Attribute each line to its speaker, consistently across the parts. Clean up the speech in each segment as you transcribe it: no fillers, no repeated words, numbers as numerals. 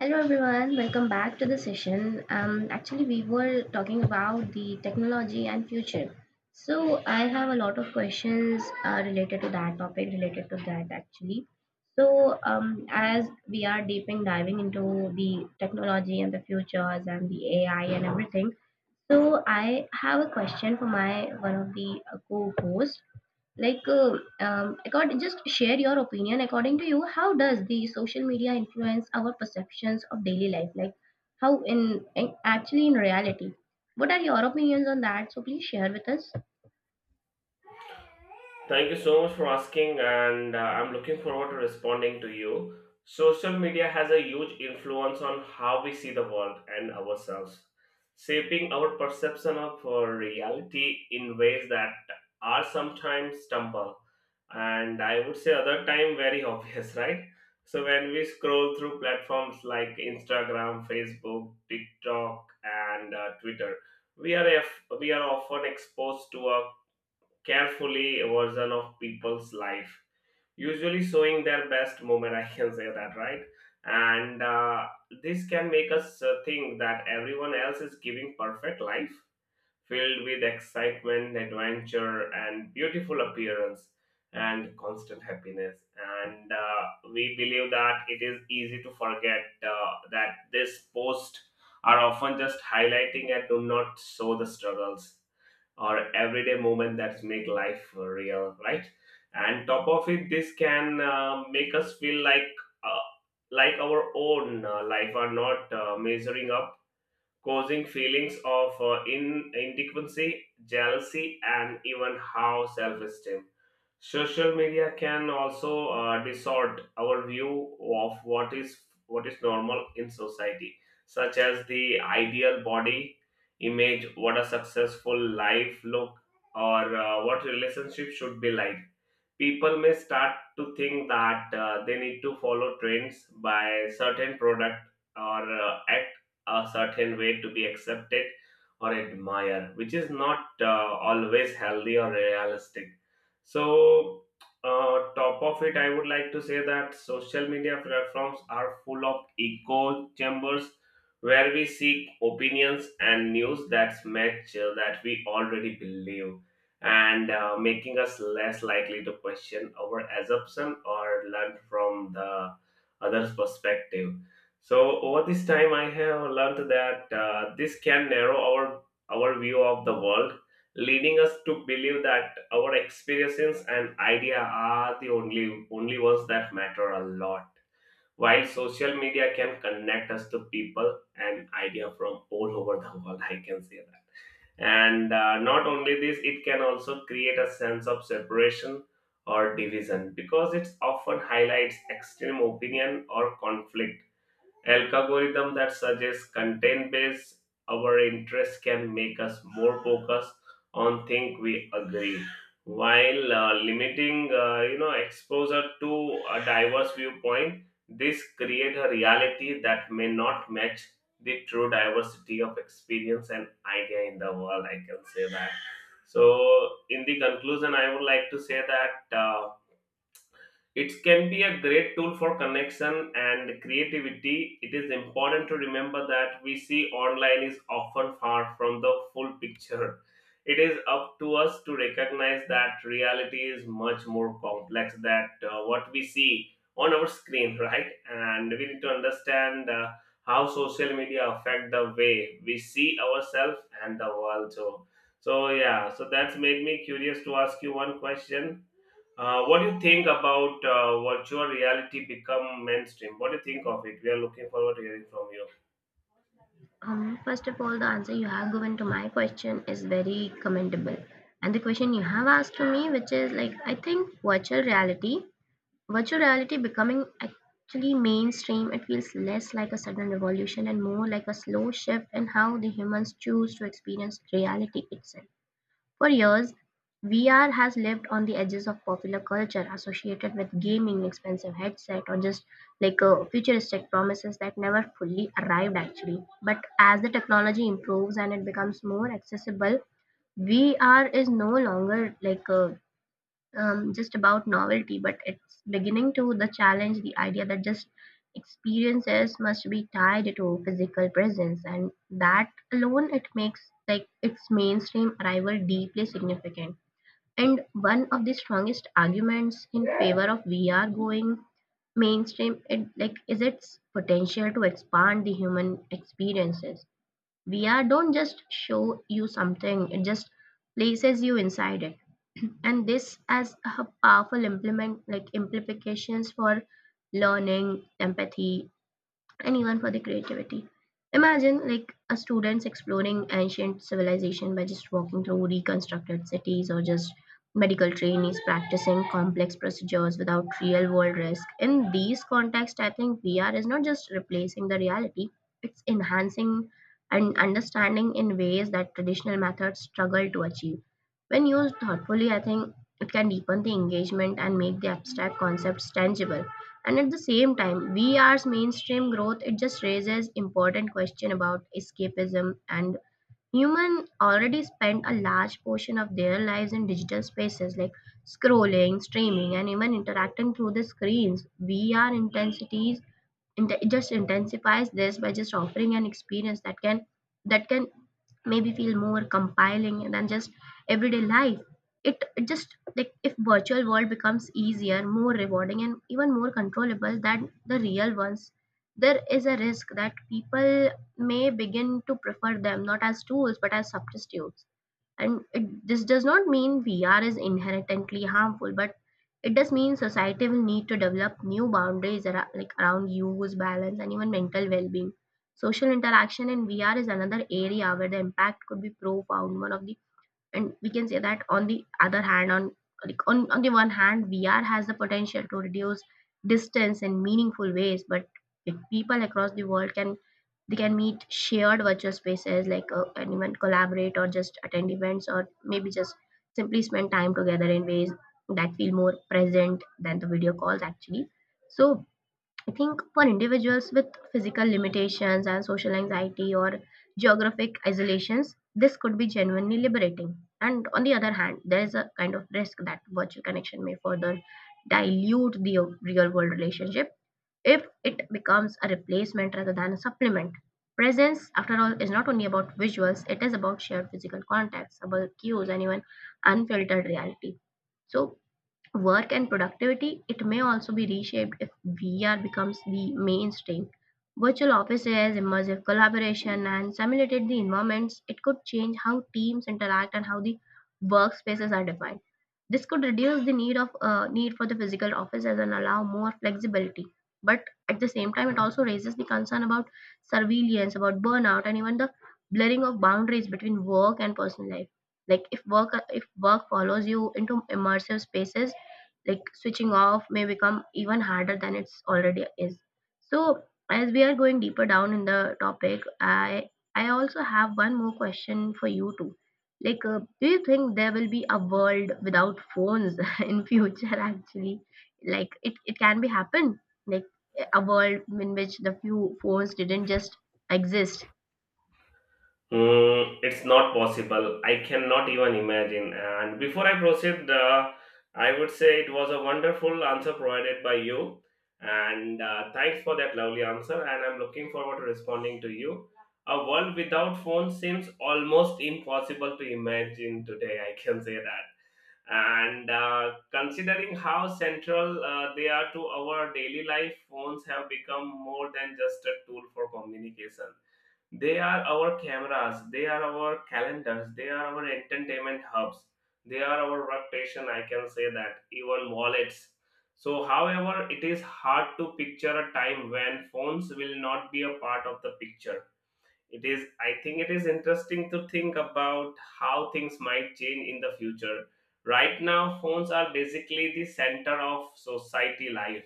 Speaker 1: Hello everyone, welcome back to the session. Actually, we were talking about the technology and future. So I have a lot of questions related to that topic, related to that actually. So as we are deeping diving into the technology and the futures and the AI and everything, so I have a question for my one of the co-hosts like just share your opinion according to you how does the social media influence our perceptions of daily life like how in actually in reality what are your opinions on that so please share with us.
Speaker 2: Thank you so much for asking, and I'm looking forward to responding to you. Social media has a huge influence on how we see the world and ourselves, shaping our perception of reality in ways that are sometimes stumble and I would say other time very obvious, right? So when we scroll through platforms like Instagram, Facebook, TikTok, and Twitter, we are often exposed to a carefully version of people's life, usually showing their best moment, I can say that, right. and This can make us think that everyone else is giving perfect life, filled with excitement, adventure and beautiful appearance and constant happiness. And We believe that it is easy to forget that this post are often just highlighting and do not show the struggles or everyday moment that make life real, right. And top of it, this can make us feel like, uh, like our own life are not measuring up, causing feelings of inadequacy, jealousy and even how self-esteem. Social media can also distort our view of what is normal in society, such as the ideal body image, what a successful life look, or what relationship should be like. People may start to think that they need to follow trends by certain product, or act a certain way to be accepted or admired, which is not always healthy or realistic. So top of it, I would like to say that social media platforms are full of echo chambers where we seek opinions and news that match that we already believe, and making us less likely to question our assumption or learn from the other's perspective. So over this time, I have learned that this can narrow our view of the world, leading us to believe that our experiences and idea are the only ones that matter a lot. While social media can connect us to people and idea from all over the world, I can say that. And not only this, it can also create a sense of separation or division because it often highlights extreme opinion or conflict. Algorithm that suggests content based our interest can make us more focused on things we agree, while limiting exposure to a diverse viewpoint. This create a reality that may not match the true diversity of experience and idea in the world, I can say that. So in the conclusion, I would like to say that it can be a great tool for connection and creativity. It is important to remember that we see online is often far from the full picture. It is up to us to recognize that reality is much more complex than what we see on our screen, right? And we need to understand how social media affect the way we see ourselves and the world. So. So that's made me curious to ask you one question. What do you think about virtual reality become mainstream? What do you think of it? We are looking forward to hearing from you.
Speaker 1: First of all, the answer you have given to my question is very commendable. And the question you have asked to me, which is like, I think virtual reality becoming actually mainstream, it feels less like a sudden revolution and more like a slow shift in how the humans choose to experience reality itself. For years, VR has lived on the edges of popular culture, associated with gaming, expensive headset, or just like futuristic promises that never fully arrived actually. But as the technology improves and it becomes more accessible, VR is no longer just about novelty, but it's beginning to the challenge the idea that just experiences must be tied to physical presence, and that alone it makes like its mainstream arrival deeply significant. And one of the strongest arguments in favor of VR going mainstream, it like is its potential to expand the human experiences. VR don't just show you something, it just places you inside it. And this has a powerful implement like implications for learning, empathy, and even for the creativity. Imagine like a student's exploring ancient civilization by just walking through reconstructed cities or just medical trainees practicing complex procedures without real world risk. In these contexts, I think VR is not just replacing the reality, it's enhancing and understanding in ways that traditional methods struggle to achieve. When used thoughtfully, I think it can deepen the engagement and make the abstract concepts tangible, and at the same time vr's mainstream growth it just raises important question about escapism and human already spend a large portion of their lives in digital spaces like scrolling streaming and even interacting through the screens. vr intensities it just intensifies this by just offering an experience that can maybe feel more compelling than just everyday life. It just like if virtual world becomes easier more rewarding and even more controllable than the real ones, there is a risk that people may begin to prefer them not as tools but as substitutes. This does not mean vr is inherently harmful but it does mean society will need to develop new boundaries like around use balance and even mental well-being. Social interaction in vr is another area where the impact could be profound. One of the and We can say that on the other hand, on like on the one hand vr has the potential to reduce distance in meaningful ways, but if people across the world can, they can meet shared virtual spaces like and even collaborate or just attend events or maybe just simply spend time together in ways that feel more present than the video calls actually. So I think for individuals with physical limitations and social anxiety or geographic isolations, this could be genuinely liberating. And on the other hand, there is a kind of risk that virtual connection may further dilute the real world relationship if it becomes a replacement rather than a supplement. Presence, after all, is not only about visuals, it is about shared physical contacts, about cues, and even unfiltered reality. So work and productivity, it may also be reshaped if VR becomes the mainstream. Virtual offices, immersive collaboration, and simulated the environments, it could change how teams interact and how the workspaces are defined. This could reduce the need for the physical offices and allow more flexibility. But at the same time, it also raises the concern about surveillance, about burnout, and even the blurring of boundaries between work and personal life. Like if work follows you into immersive spaces, like switching off may become even harder than it's already is. So as we are going deeper down in the topic, I also have one more question for you too, like do you think there will be a world without phones in future actually? Like it can be happen, like a world in which the few phones didn't just exist.
Speaker 2: Mm, it's not possible. I cannot even imagine. And before I proceed, I would say it was a wonderful answer provided by you. And thanks for that lovely answer. And I'm looking forward to responding to you. A world without phones seems almost impossible to imagine today. I can say that. And Considering how central they are to our daily life, phones have become more than just a tool for communication. They are our cameras, they are our calendars, they are our entertainment hubs, they are our workstation, I can say that, even wallets. So however, it is hard to picture a time when phones will not be a part of the picture. It is, I think it is interesting to think about how things might change in the future. Right now, phones are basically the center of society life,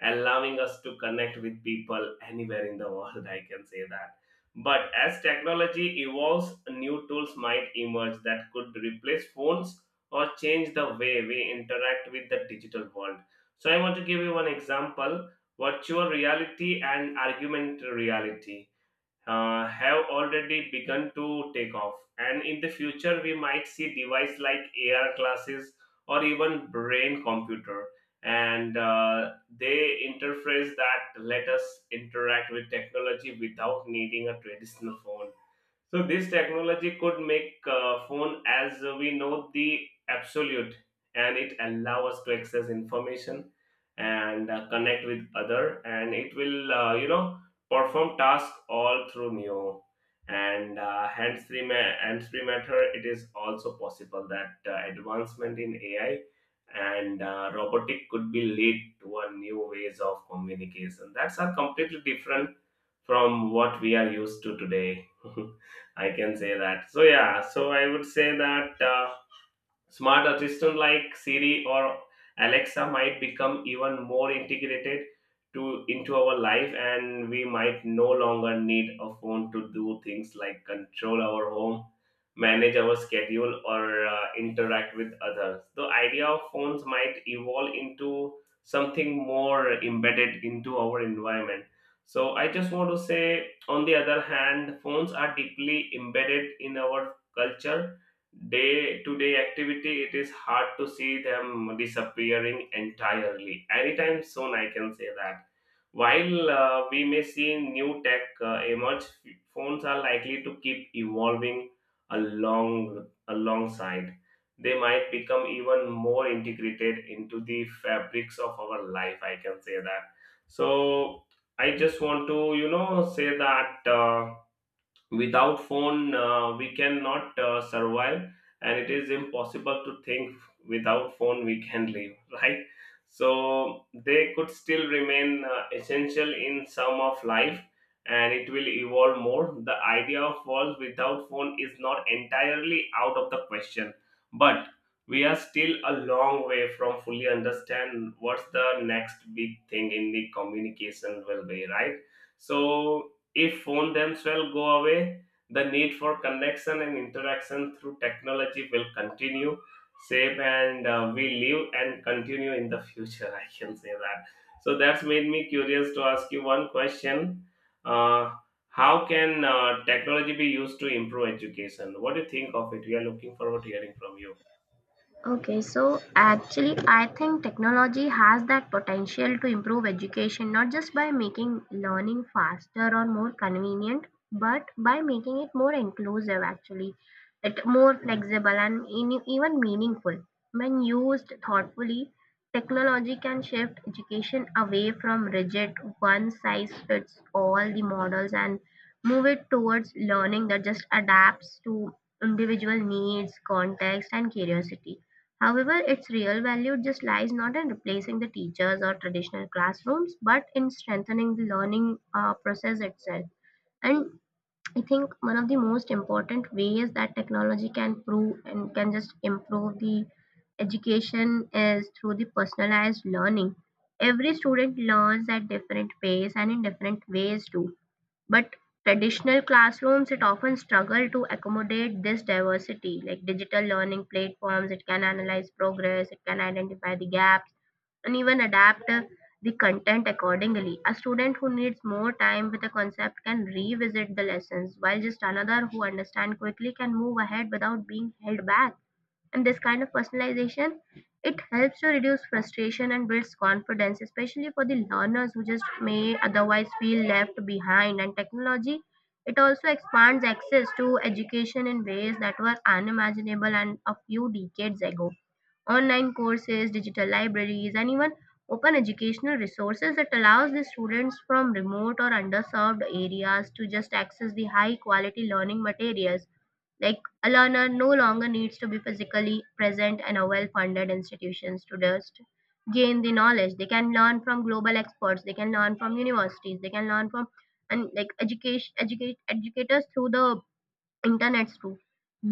Speaker 2: allowing us to connect with people anywhere in the world. I can say that. But as technology evolves, new tools might emerge that could replace phones or change the way we interact with the digital world. So, I want to give you one example. Virtual reality and augmented reality have already begun to take off, and in the future we might see devices like AR glasses or even brain computer, and they interface that let us interact with technology without needing a traditional phone. So this technology could make phone as we know the absolute, and it allow us to access information and connect with other, and it will perform task all through Neo and hands-free matter. It is also possible that advancement in AI and robotic could be lead to a new ways of communication. That's are completely different from what we are used to today. I can say that. So yeah, so I would say that. Smart assistants like Siri or Alexa might become even more integrated to into our life, and we might no longer need a phone to do things like control our home, manage our schedule, or interact with others. The idea of phones might evolve into something more embedded into our environment. So I just want to say, on the other hand, phones are deeply embedded in our culture day-to-day activity. It is hard to see them disappearing entirely. Anytime soon, I can say that. While we may see new tech emerge, phones are likely to keep evolving alongside. They might become even more integrated into the fabrics of our life. I can say that. So I just want to, you know, say that. Without phone, we cannot survive, and it is impossible to think without phone we can live. Right, so they could still remain essential in some of life, and it will evolve more. The idea of world without phone is not entirely out of the question, but we are still a long way from fully understand what's the next big thing in the communication will be, right. So if phone themselves go away, the need for connection and interaction through technology will continue same, and we live and continue in the future. I can say that. So that's made me curious to ask you one question. uh, how can technology be used to improve education? What do you think of it? We are looking forward to hearing from you.
Speaker 1: Okay, so actually, I think technology has that potential to improve education not just by making learning faster or more convenient, but by making it more inclusive, actually, it more flexible and even meaningful. When used thoughtfully, technology can shift education away from rigid one size fits all the models, and move it towards learning that just adapts to individual needs, context, and curiosity. However, its real value just lies not in replacing the teachers or traditional classrooms, but in strengthening the learning process itself. And I think one of the most important ways that technology can prove and can just improve the education is through the personalized learning. Every student learns at different pace and in different ways too, but traditional classrooms, it often struggle to accommodate this diversity. Like digital learning platforms, it can analyze progress, it can identify the gaps, and even adapt the content accordingly. A student who needs more time with a concept can revisit the lessons, while just another who understands quickly can move ahead without being held back. And this kind of personalization, it helps to reduce frustration and builds confidence especially for the learners who just may otherwise feel left behind. And technology, it also expands access to education in ways that were unimaginable and a few decades ago. Online courses, digital libraries, and even open educational resources that allows the students from remote or underserved areas to just access the high quality learning materials. Like a learner no longer needs to be physically present in a well funded institutions to just gain the knowledge. They can learn from global experts, they can learn from universities, they can learn from and like education educate educators through the internets too.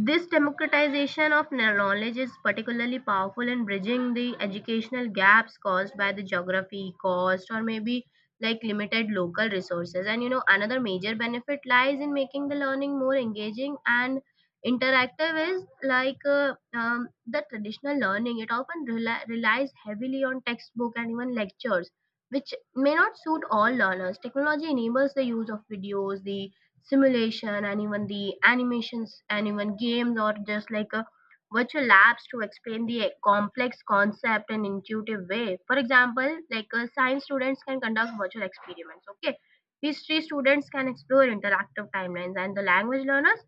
Speaker 1: This democratization of knowledge is particularly powerful in bridging the educational gaps caused by the geography, cost, or maybe like limited local resources. And you know, another major benefit lies in making the learning more engaging and interactive, is like the traditional learning, it often relies heavily on textbook and even lectures, which may not suit all learners. Technology enables the use of videos, the simulation and even the animations and even games or just like a virtual labs to explain the complex concept in intuitive way. For example, like science students can conduct virtual experiments, okay, history students can explore interactive timelines, and the language learners,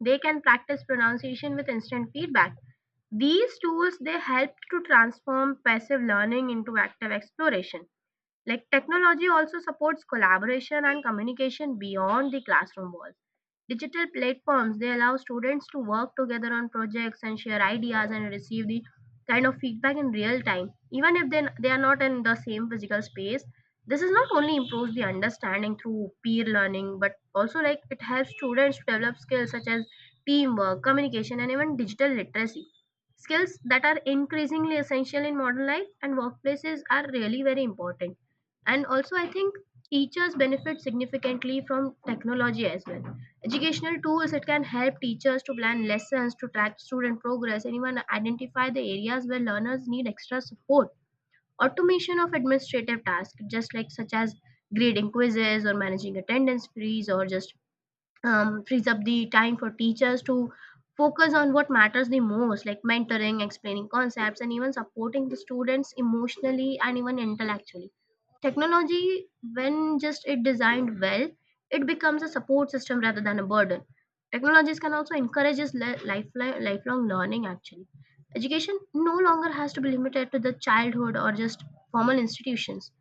Speaker 1: they can practice pronunciation with instant feedback. These tools, they help to transform passive learning into active exploration. Like technology also supports collaboration and communication beyond the classroom walls. Digital platforms, they allow students to work together on projects and share ideas and receive the kind of feedback in real time. Even if they are not in the same physical space, this is not only improves the understanding through peer learning, but also like it helps students to develop skills such as teamwork, communication, and even digital literacy. Skills that are increasingly essential in modern life and workplaces are really very important. And also I think teachers benefit significantly from technology as well. Educational tools, it can help teachers to plan lessons, to track student progress and even identify the areas where learners need extra support. Automation of administrative tasks just like such as grading quizzes or managing attendance freeze or just frees up the time for teachers to focus on what matters the most, like mentoring, explaining concepts, and even supporting the students emotionally and even intellectually. Technology, when just it designed well, it becomes a support system rather than a burden. Technologies can also encourage lifelong learning actually. Education no longer has to be limited to the childhood or just formal institutions.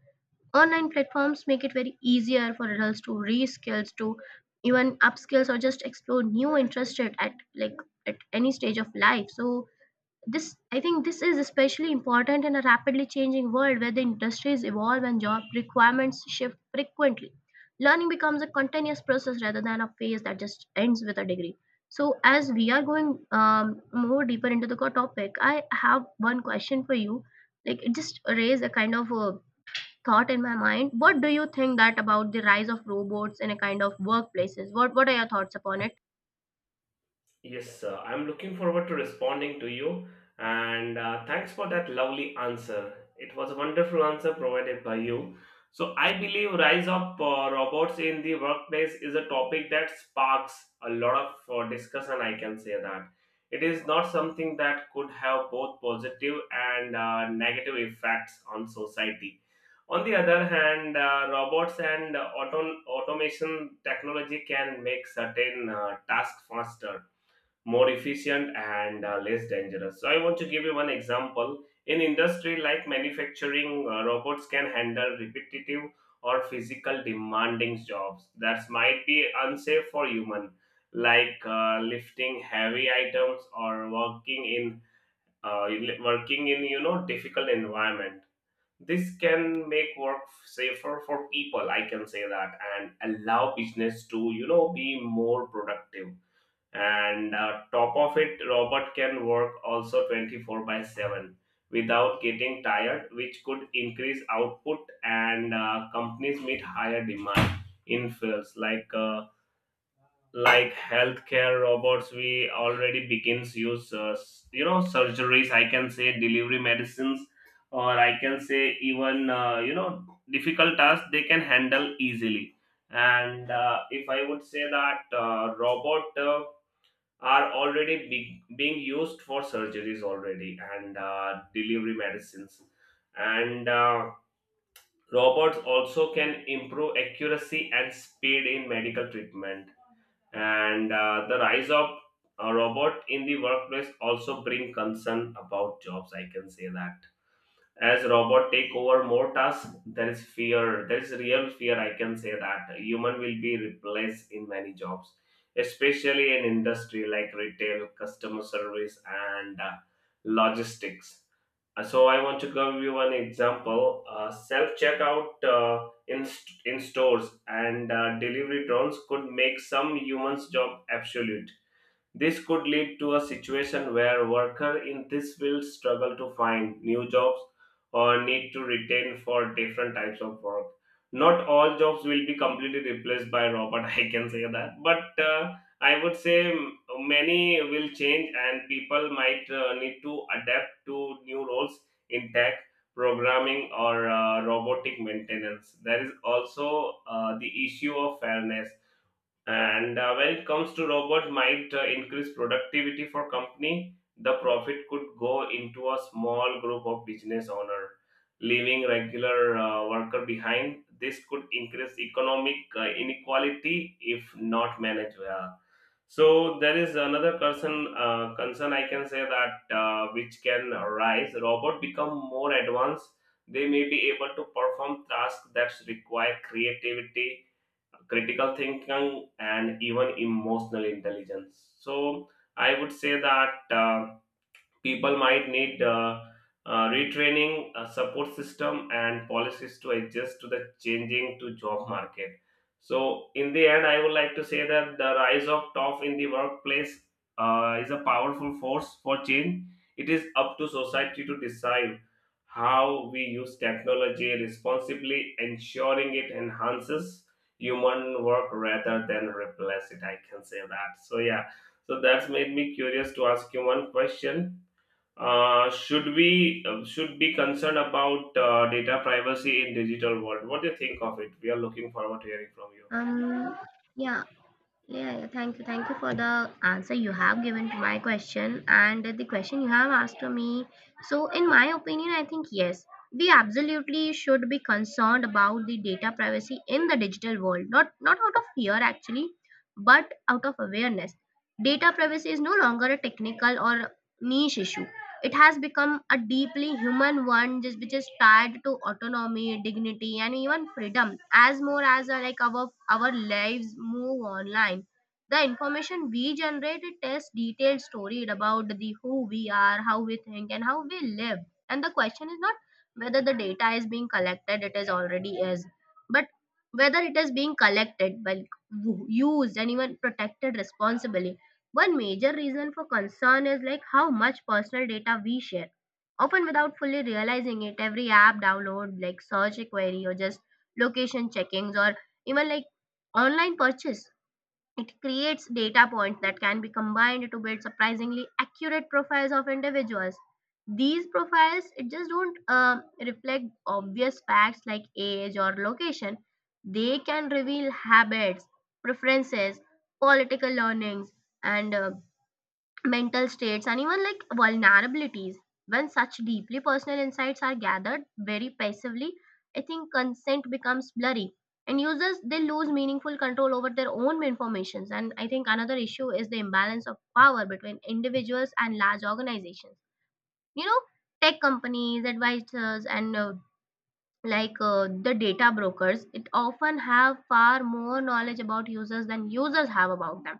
Speaker 1: Online platforms make it very easier for adults to reskills, to even upskills or just explore new interests like at any stage of life. So this, I think, this is especially important in a rapidly changing world where the industries evolve and job requirements shift frequently. Learning becomes a continuous process rather than a phase that just ends with a degree. So as we are going more deeper into the topic, I have one question for you. Like, it just raised a kind of a thought in my mind. What do you think that about the rise of robots in a kind of workplaces? What are your thoughts upon it?
Speaker 2: Yes, sir. I'm looking forward to responding to you. And thanks for that lovely answer. It was a wonderful answer provided by you. So I believe rise of robots in the workplace is a topic that sparks a lot of discussion. I can say that it is not something that could have both positive and negative effects on society. On the other hand, robots and automation technology can make certain tasks faster, more efficient and less dangerous. So I want to give you one example. In industry like manufacturing, robots can handle repetitive or physical demanding jobs that might be unsafe for human, like lifting heavy items or working in uh, working in, you know, difficult environment. This can make work safer for people. I can say that, and allow business to, you know, be more productive. And top of it, robot can work also 24/7 without getting tired, which could increase output and companies meet higher demand in fields like healthcare. Robots we already begins use you know, surgeries, I can say, delivery medicines, or I can say even, you know, difficult tasks they can handle easily. And if I would say that, robot, are already being used for surgeries already, and delivery medicines, and robots also can improve accuracy and speed in medical treatment. And the rise of a robot in the workplace also bring concern about jobs, I can say that. As robot take over more tasks, there is fear, there is real fear, I can say that, human will be replaced in many jobs, especially in industry like retail, customer service and logistics. So I want to give you an example. Self checkout in stores and delivery drones could make some humans job absolute. This could lead to a situation where workers in this field struggle to find new jobs, or need to retain for different types of work. Not all jobs will be completely replaced by robot, I can say that. But I would say many will change and people might need to adapt to new roles in tech, programming, or robotic maintenance. There is also the issue of fairness and when it comes to robot might increase productivity for company, the profit could go into a small group of business owner, leaving regular worker behind. This could increase economic inequality if not managed well. So there is another concern. Concern I can say that which can arise. Robot become more advanced. They may be able to perform tasks that require creativity, critical thinking, and even emotional intelligence. So I would say that people might need retraining, a support system, and policies to adjust to the changing to job market. So, in the end, I would like to say that the rise of TOF in the workplace is a powerful force for change. It is up to society to decide how we use technology responsibly, ensuring it enhances human work rather than replace it. I can say that. So, yeah. So that's made me curious to ask you one question. Uh, should we should be concerned about data privacy in digital world? What do you think of it? We are looking forward to hearing from you.
Speaker 1: um yeah. Yeah, thank you. Thank you for the answer you have given to my question and the question you have asked to me. So, in my opinion, I think yes, we absolutely should be concerned about the data privacy in the digital world. Not out of fear actually, but out of awareness. Data privacy is no longer a technical or niche issue. It has become a deeply human one, just which is tied to autonomy, dignity, and even freedom. As more as like, our lives move online, the information we generate, it tells detailed story about the who we are, how we think, and how we live. And the question is not whether the data is being collected, it is already is, but whether it is being collected well, used, and even protected responsibly. One major reason for concern is like how much personal data we share. Often without fully realizing it, every app download, like search query, or just location checkings, or even like online purchase. It creates data points that can be combined to build surprisingly accurate profiles of individuals. These profiles, it just don't reflect obvious facts like age or location. They can reveal habits, preferences, political learnings, and mental states, and even like vulnerabilities. When such deeply personal insights are gathered very passively, I think consent becomes blurry, and users, they lose meaningful control over their own informations. And I think another issue is the imbalance of power between individuals and large organizations. You know, tech companies, advisors, and like the data brokers, it often have far more knowledge about users than users have about them.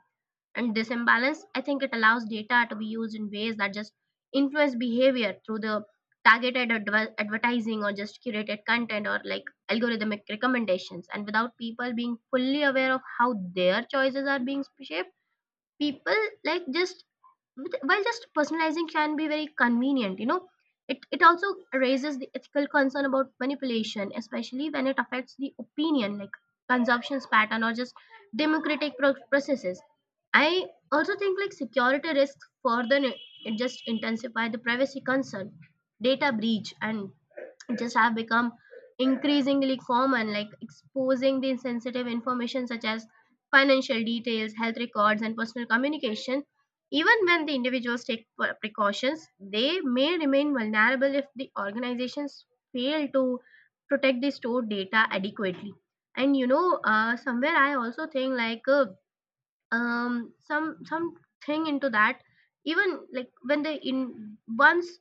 Speaker 1: And this imbalance, I think, it allows data to be used in ways that just influence behavior through the advertising, or just curated content, or like algorithmic recommendations, and without people being fully aware of how their choices are being shaped. People, like, just while just personalizing can be very convenient, you know, it also raises the ethical concern about manipulation, especially when it affects the opinion, like consumptions pattern, or just democratic processes. I also think, like, security risks it just intensify the privacy concern. Data breach and just have become increasingly common, like exposing the sensitive information such as financial details, health records, and personal communication. Even when the individuals take precautions, they may remain vulnerable if the organizations fail to protect the stored data adequately. And you know, somewhere I also think, like, some something into that, even like when they in once,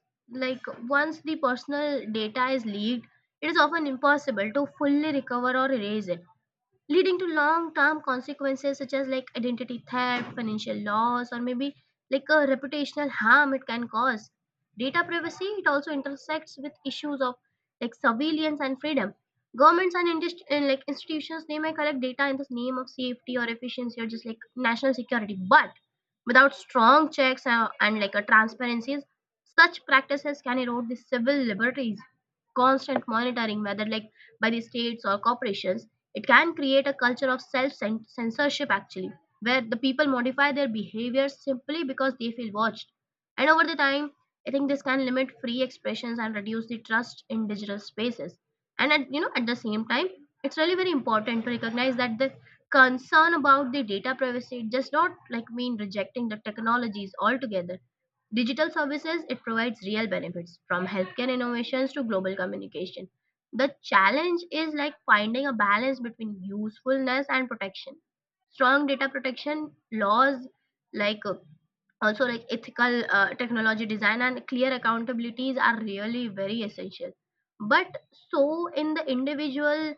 Speaker 1: like, once the personal data is leaked, it is often impossible to fully recover or erase it, leading to long term consequences such as like identity theft, financial loss, or maybe like a reputational harm it can cause. Data privacy, it also intersects with issues of like surveillance and freedom. Governments and, and like institutions, they may collect data in the name of safety or efficiency, or just like national security, but without strong checks and like a transparencies, such practices can erode the civil liberties. Constant monitoring, whether like by the states or corporations, it can create a culture of self censorship, actually, where the people modify their behavior simply because they feel watched. And over the time, I think this can limit free expressions and reduce the trust in digital spaces. And at, you know, at the same time, it's really very important to recognize that the concern about the data privacy does not like mean rejecting the technologies altogether. Digital services, it provides real benefits from healthcare innovations to global communication. The challenge is like finding a balance between usefulness and protection. Strong data protection laws, like also like ethical technology design and clear accountabilities are really very essential, but so in the individual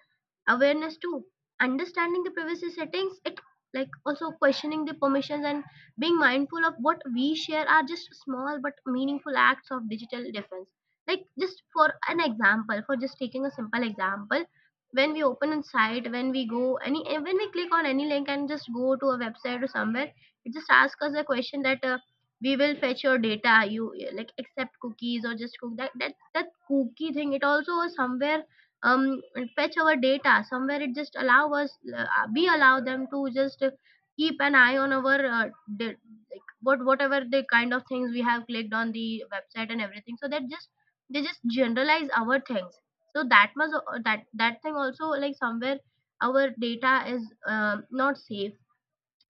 Speaker 1: awareness too, understanding the privacy settings, it like also questioning the permissions and being mindful of what we share are just small but meaningful acts of digital defense. Like, just for an example, for just taking a simple example, when we open a site, when we go any, when we click on any link and just go to a website or somewhere, it just asks us a question that we will fetch your data, you, like, accept cookies or just cook, that cookie thing, it also was somewhere um fetch our data somewhere, it just allow us we allow them to just keep an eye on our da- like what whatever the kind of things we have clicked on the website and everything, so that just they just generalize our things. So that must that thing also like somewhere our data is not safe.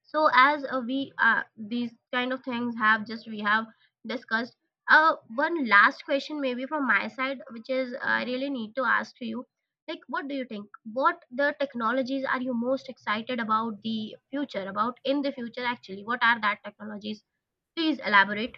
Speaker 1: So as we these kind of things have just, we have discussed. One last question maybe from my side, which is, I really need to ask to you, like, what do you think, what the technologies are you most excited about the future about in the future, actually, what are that technologies? Please elaborate.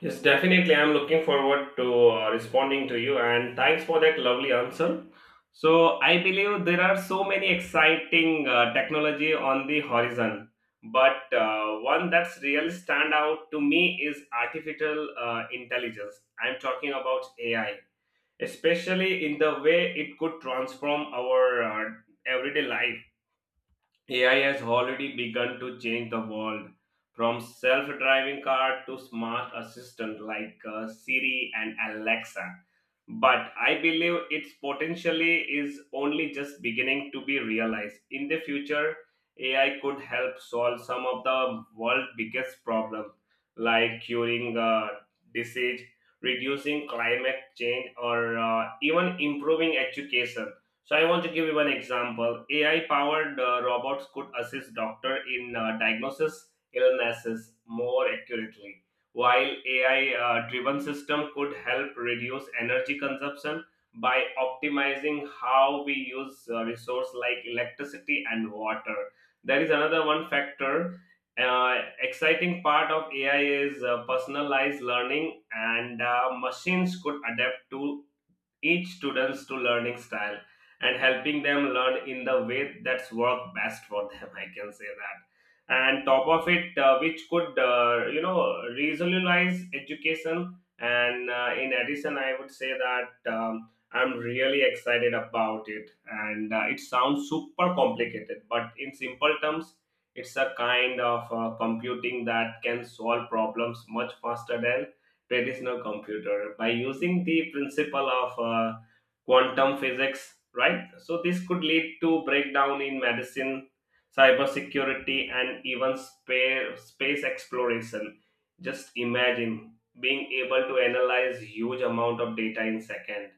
Speaker 2: Yes, definitely. I'm looking forward to responding to you, and thanks for that lovely answer. So I believe there are so many exciting technology on the horizon, but one that's really stand out to me is artificial intelligence. I'm talking about AI, especially in the way it could transform our everyday life. AI has already begun to change the world, from self driving car to smart assistant like Siri and Alexa. But I believe its potentially is only just beginning to be realized. In the future, AI could help solve some of the world's biggest problems, like curing disease, reducing climate change, or even improving education. So I want to give you one example. AI-powered robots could assist doctor in diagnosis illnesses more accurately, while AI-driven system could help reduce energy consumption by optimizing how we use resource like electricity and water. There is another one factor. Uh, exciting part of AI is personalized learning, and machines could adapt to each students to learning style and helping them learn in the way that's work best for them I can say that. And top of it, which could, regionalize education. And in addition, I would say that I'm really excited about it. And it sounds super complicated, but in simple terms, it's a kind of computing that can solve problems much faster than traditional computer by using the principle of quantum physics, right? So, this could lead to breakdown in medicine, cybersecurity, and even space exploration. Just imagine being able to analyze huge amount of data in second,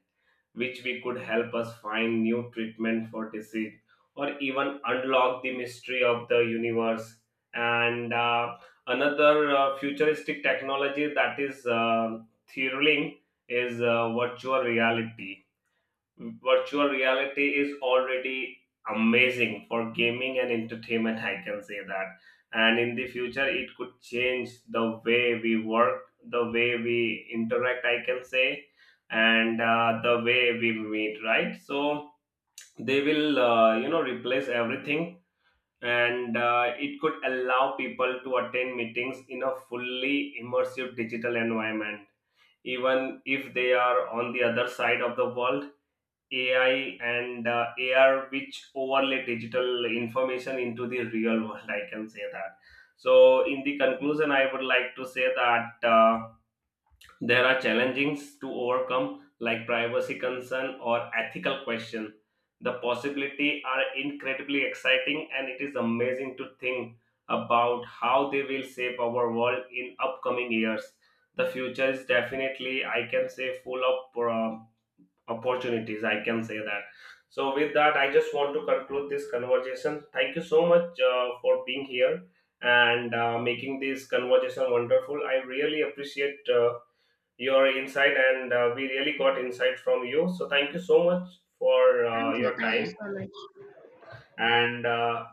Speaker 2: which we could help us find new treatment for disease, or even unlock the mystery of the universe. And another futuristic technology that is thrilling is virtual reality. Virtual reality is already amazing for gaming and entertainment, I can say that. And in the future, it could change the way we work, the way we interact, I can say, and the way we meet, right? So they will, replace everything. And it could allow people to attend meetings in a fully immersive digital environment, even if they are on the other side of the world. AI and AR, which overlay digital information into the real world. I can say that. So, in the conclusion, I would like to say that there are challenges to overcome, like privacy concern or ethical question. The possibility are incredibly exciting, and it is amazing to think about how they will shape our world in upcoming years. The future is definitely, I can say, full of opportunities, I can say that. So with that, I just want to conclude this conversation. Thank you so much for being here and making this conversation wonderful. I really appreciate your insight, and we really got insight from you, so thank you so much for
Speaker 1: Thank you,
Speaker 2: your
Speaker 1: thank you
Speaker 2: time
Speaker 1: so much.
Speaker 2: and